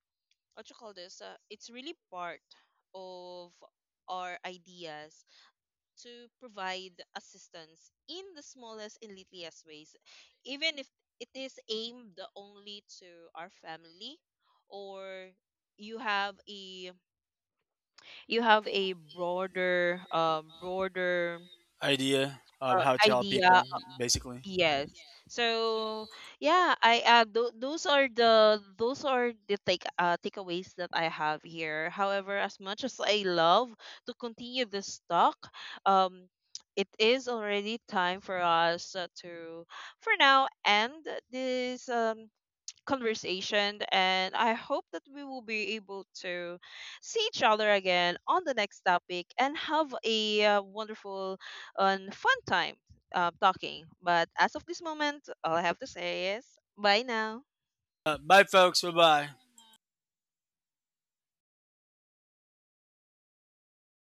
[SPEAKER 1] what you call this. Uh, it's really part of our ideas to provide assistance in the smallest and littlest ways, even if it is aimed only to our family or you have a you have a broader, um broader
[SPEAKER 2] idea of
[SPEAKER 1] uh,
[SPEAKER 2] how to help
[SPEAKER 1] idea.
[SPEAKER 2] people basically.
[SPEAKER 1] Yes. So yeah, I uh th those are the, those are the take uh takeaways that I have here. However, as much as I love to continue this talk, um it is already time for us, uh, to for now end this um conversation, and I hope that we will be able to see each other again on the next topic and have a, uh, wonderful and fun time, uh, talking. But as of this moment, all I have to say is bye now.
[SPEAKER 2] Uh, bye, folks. Bye bye.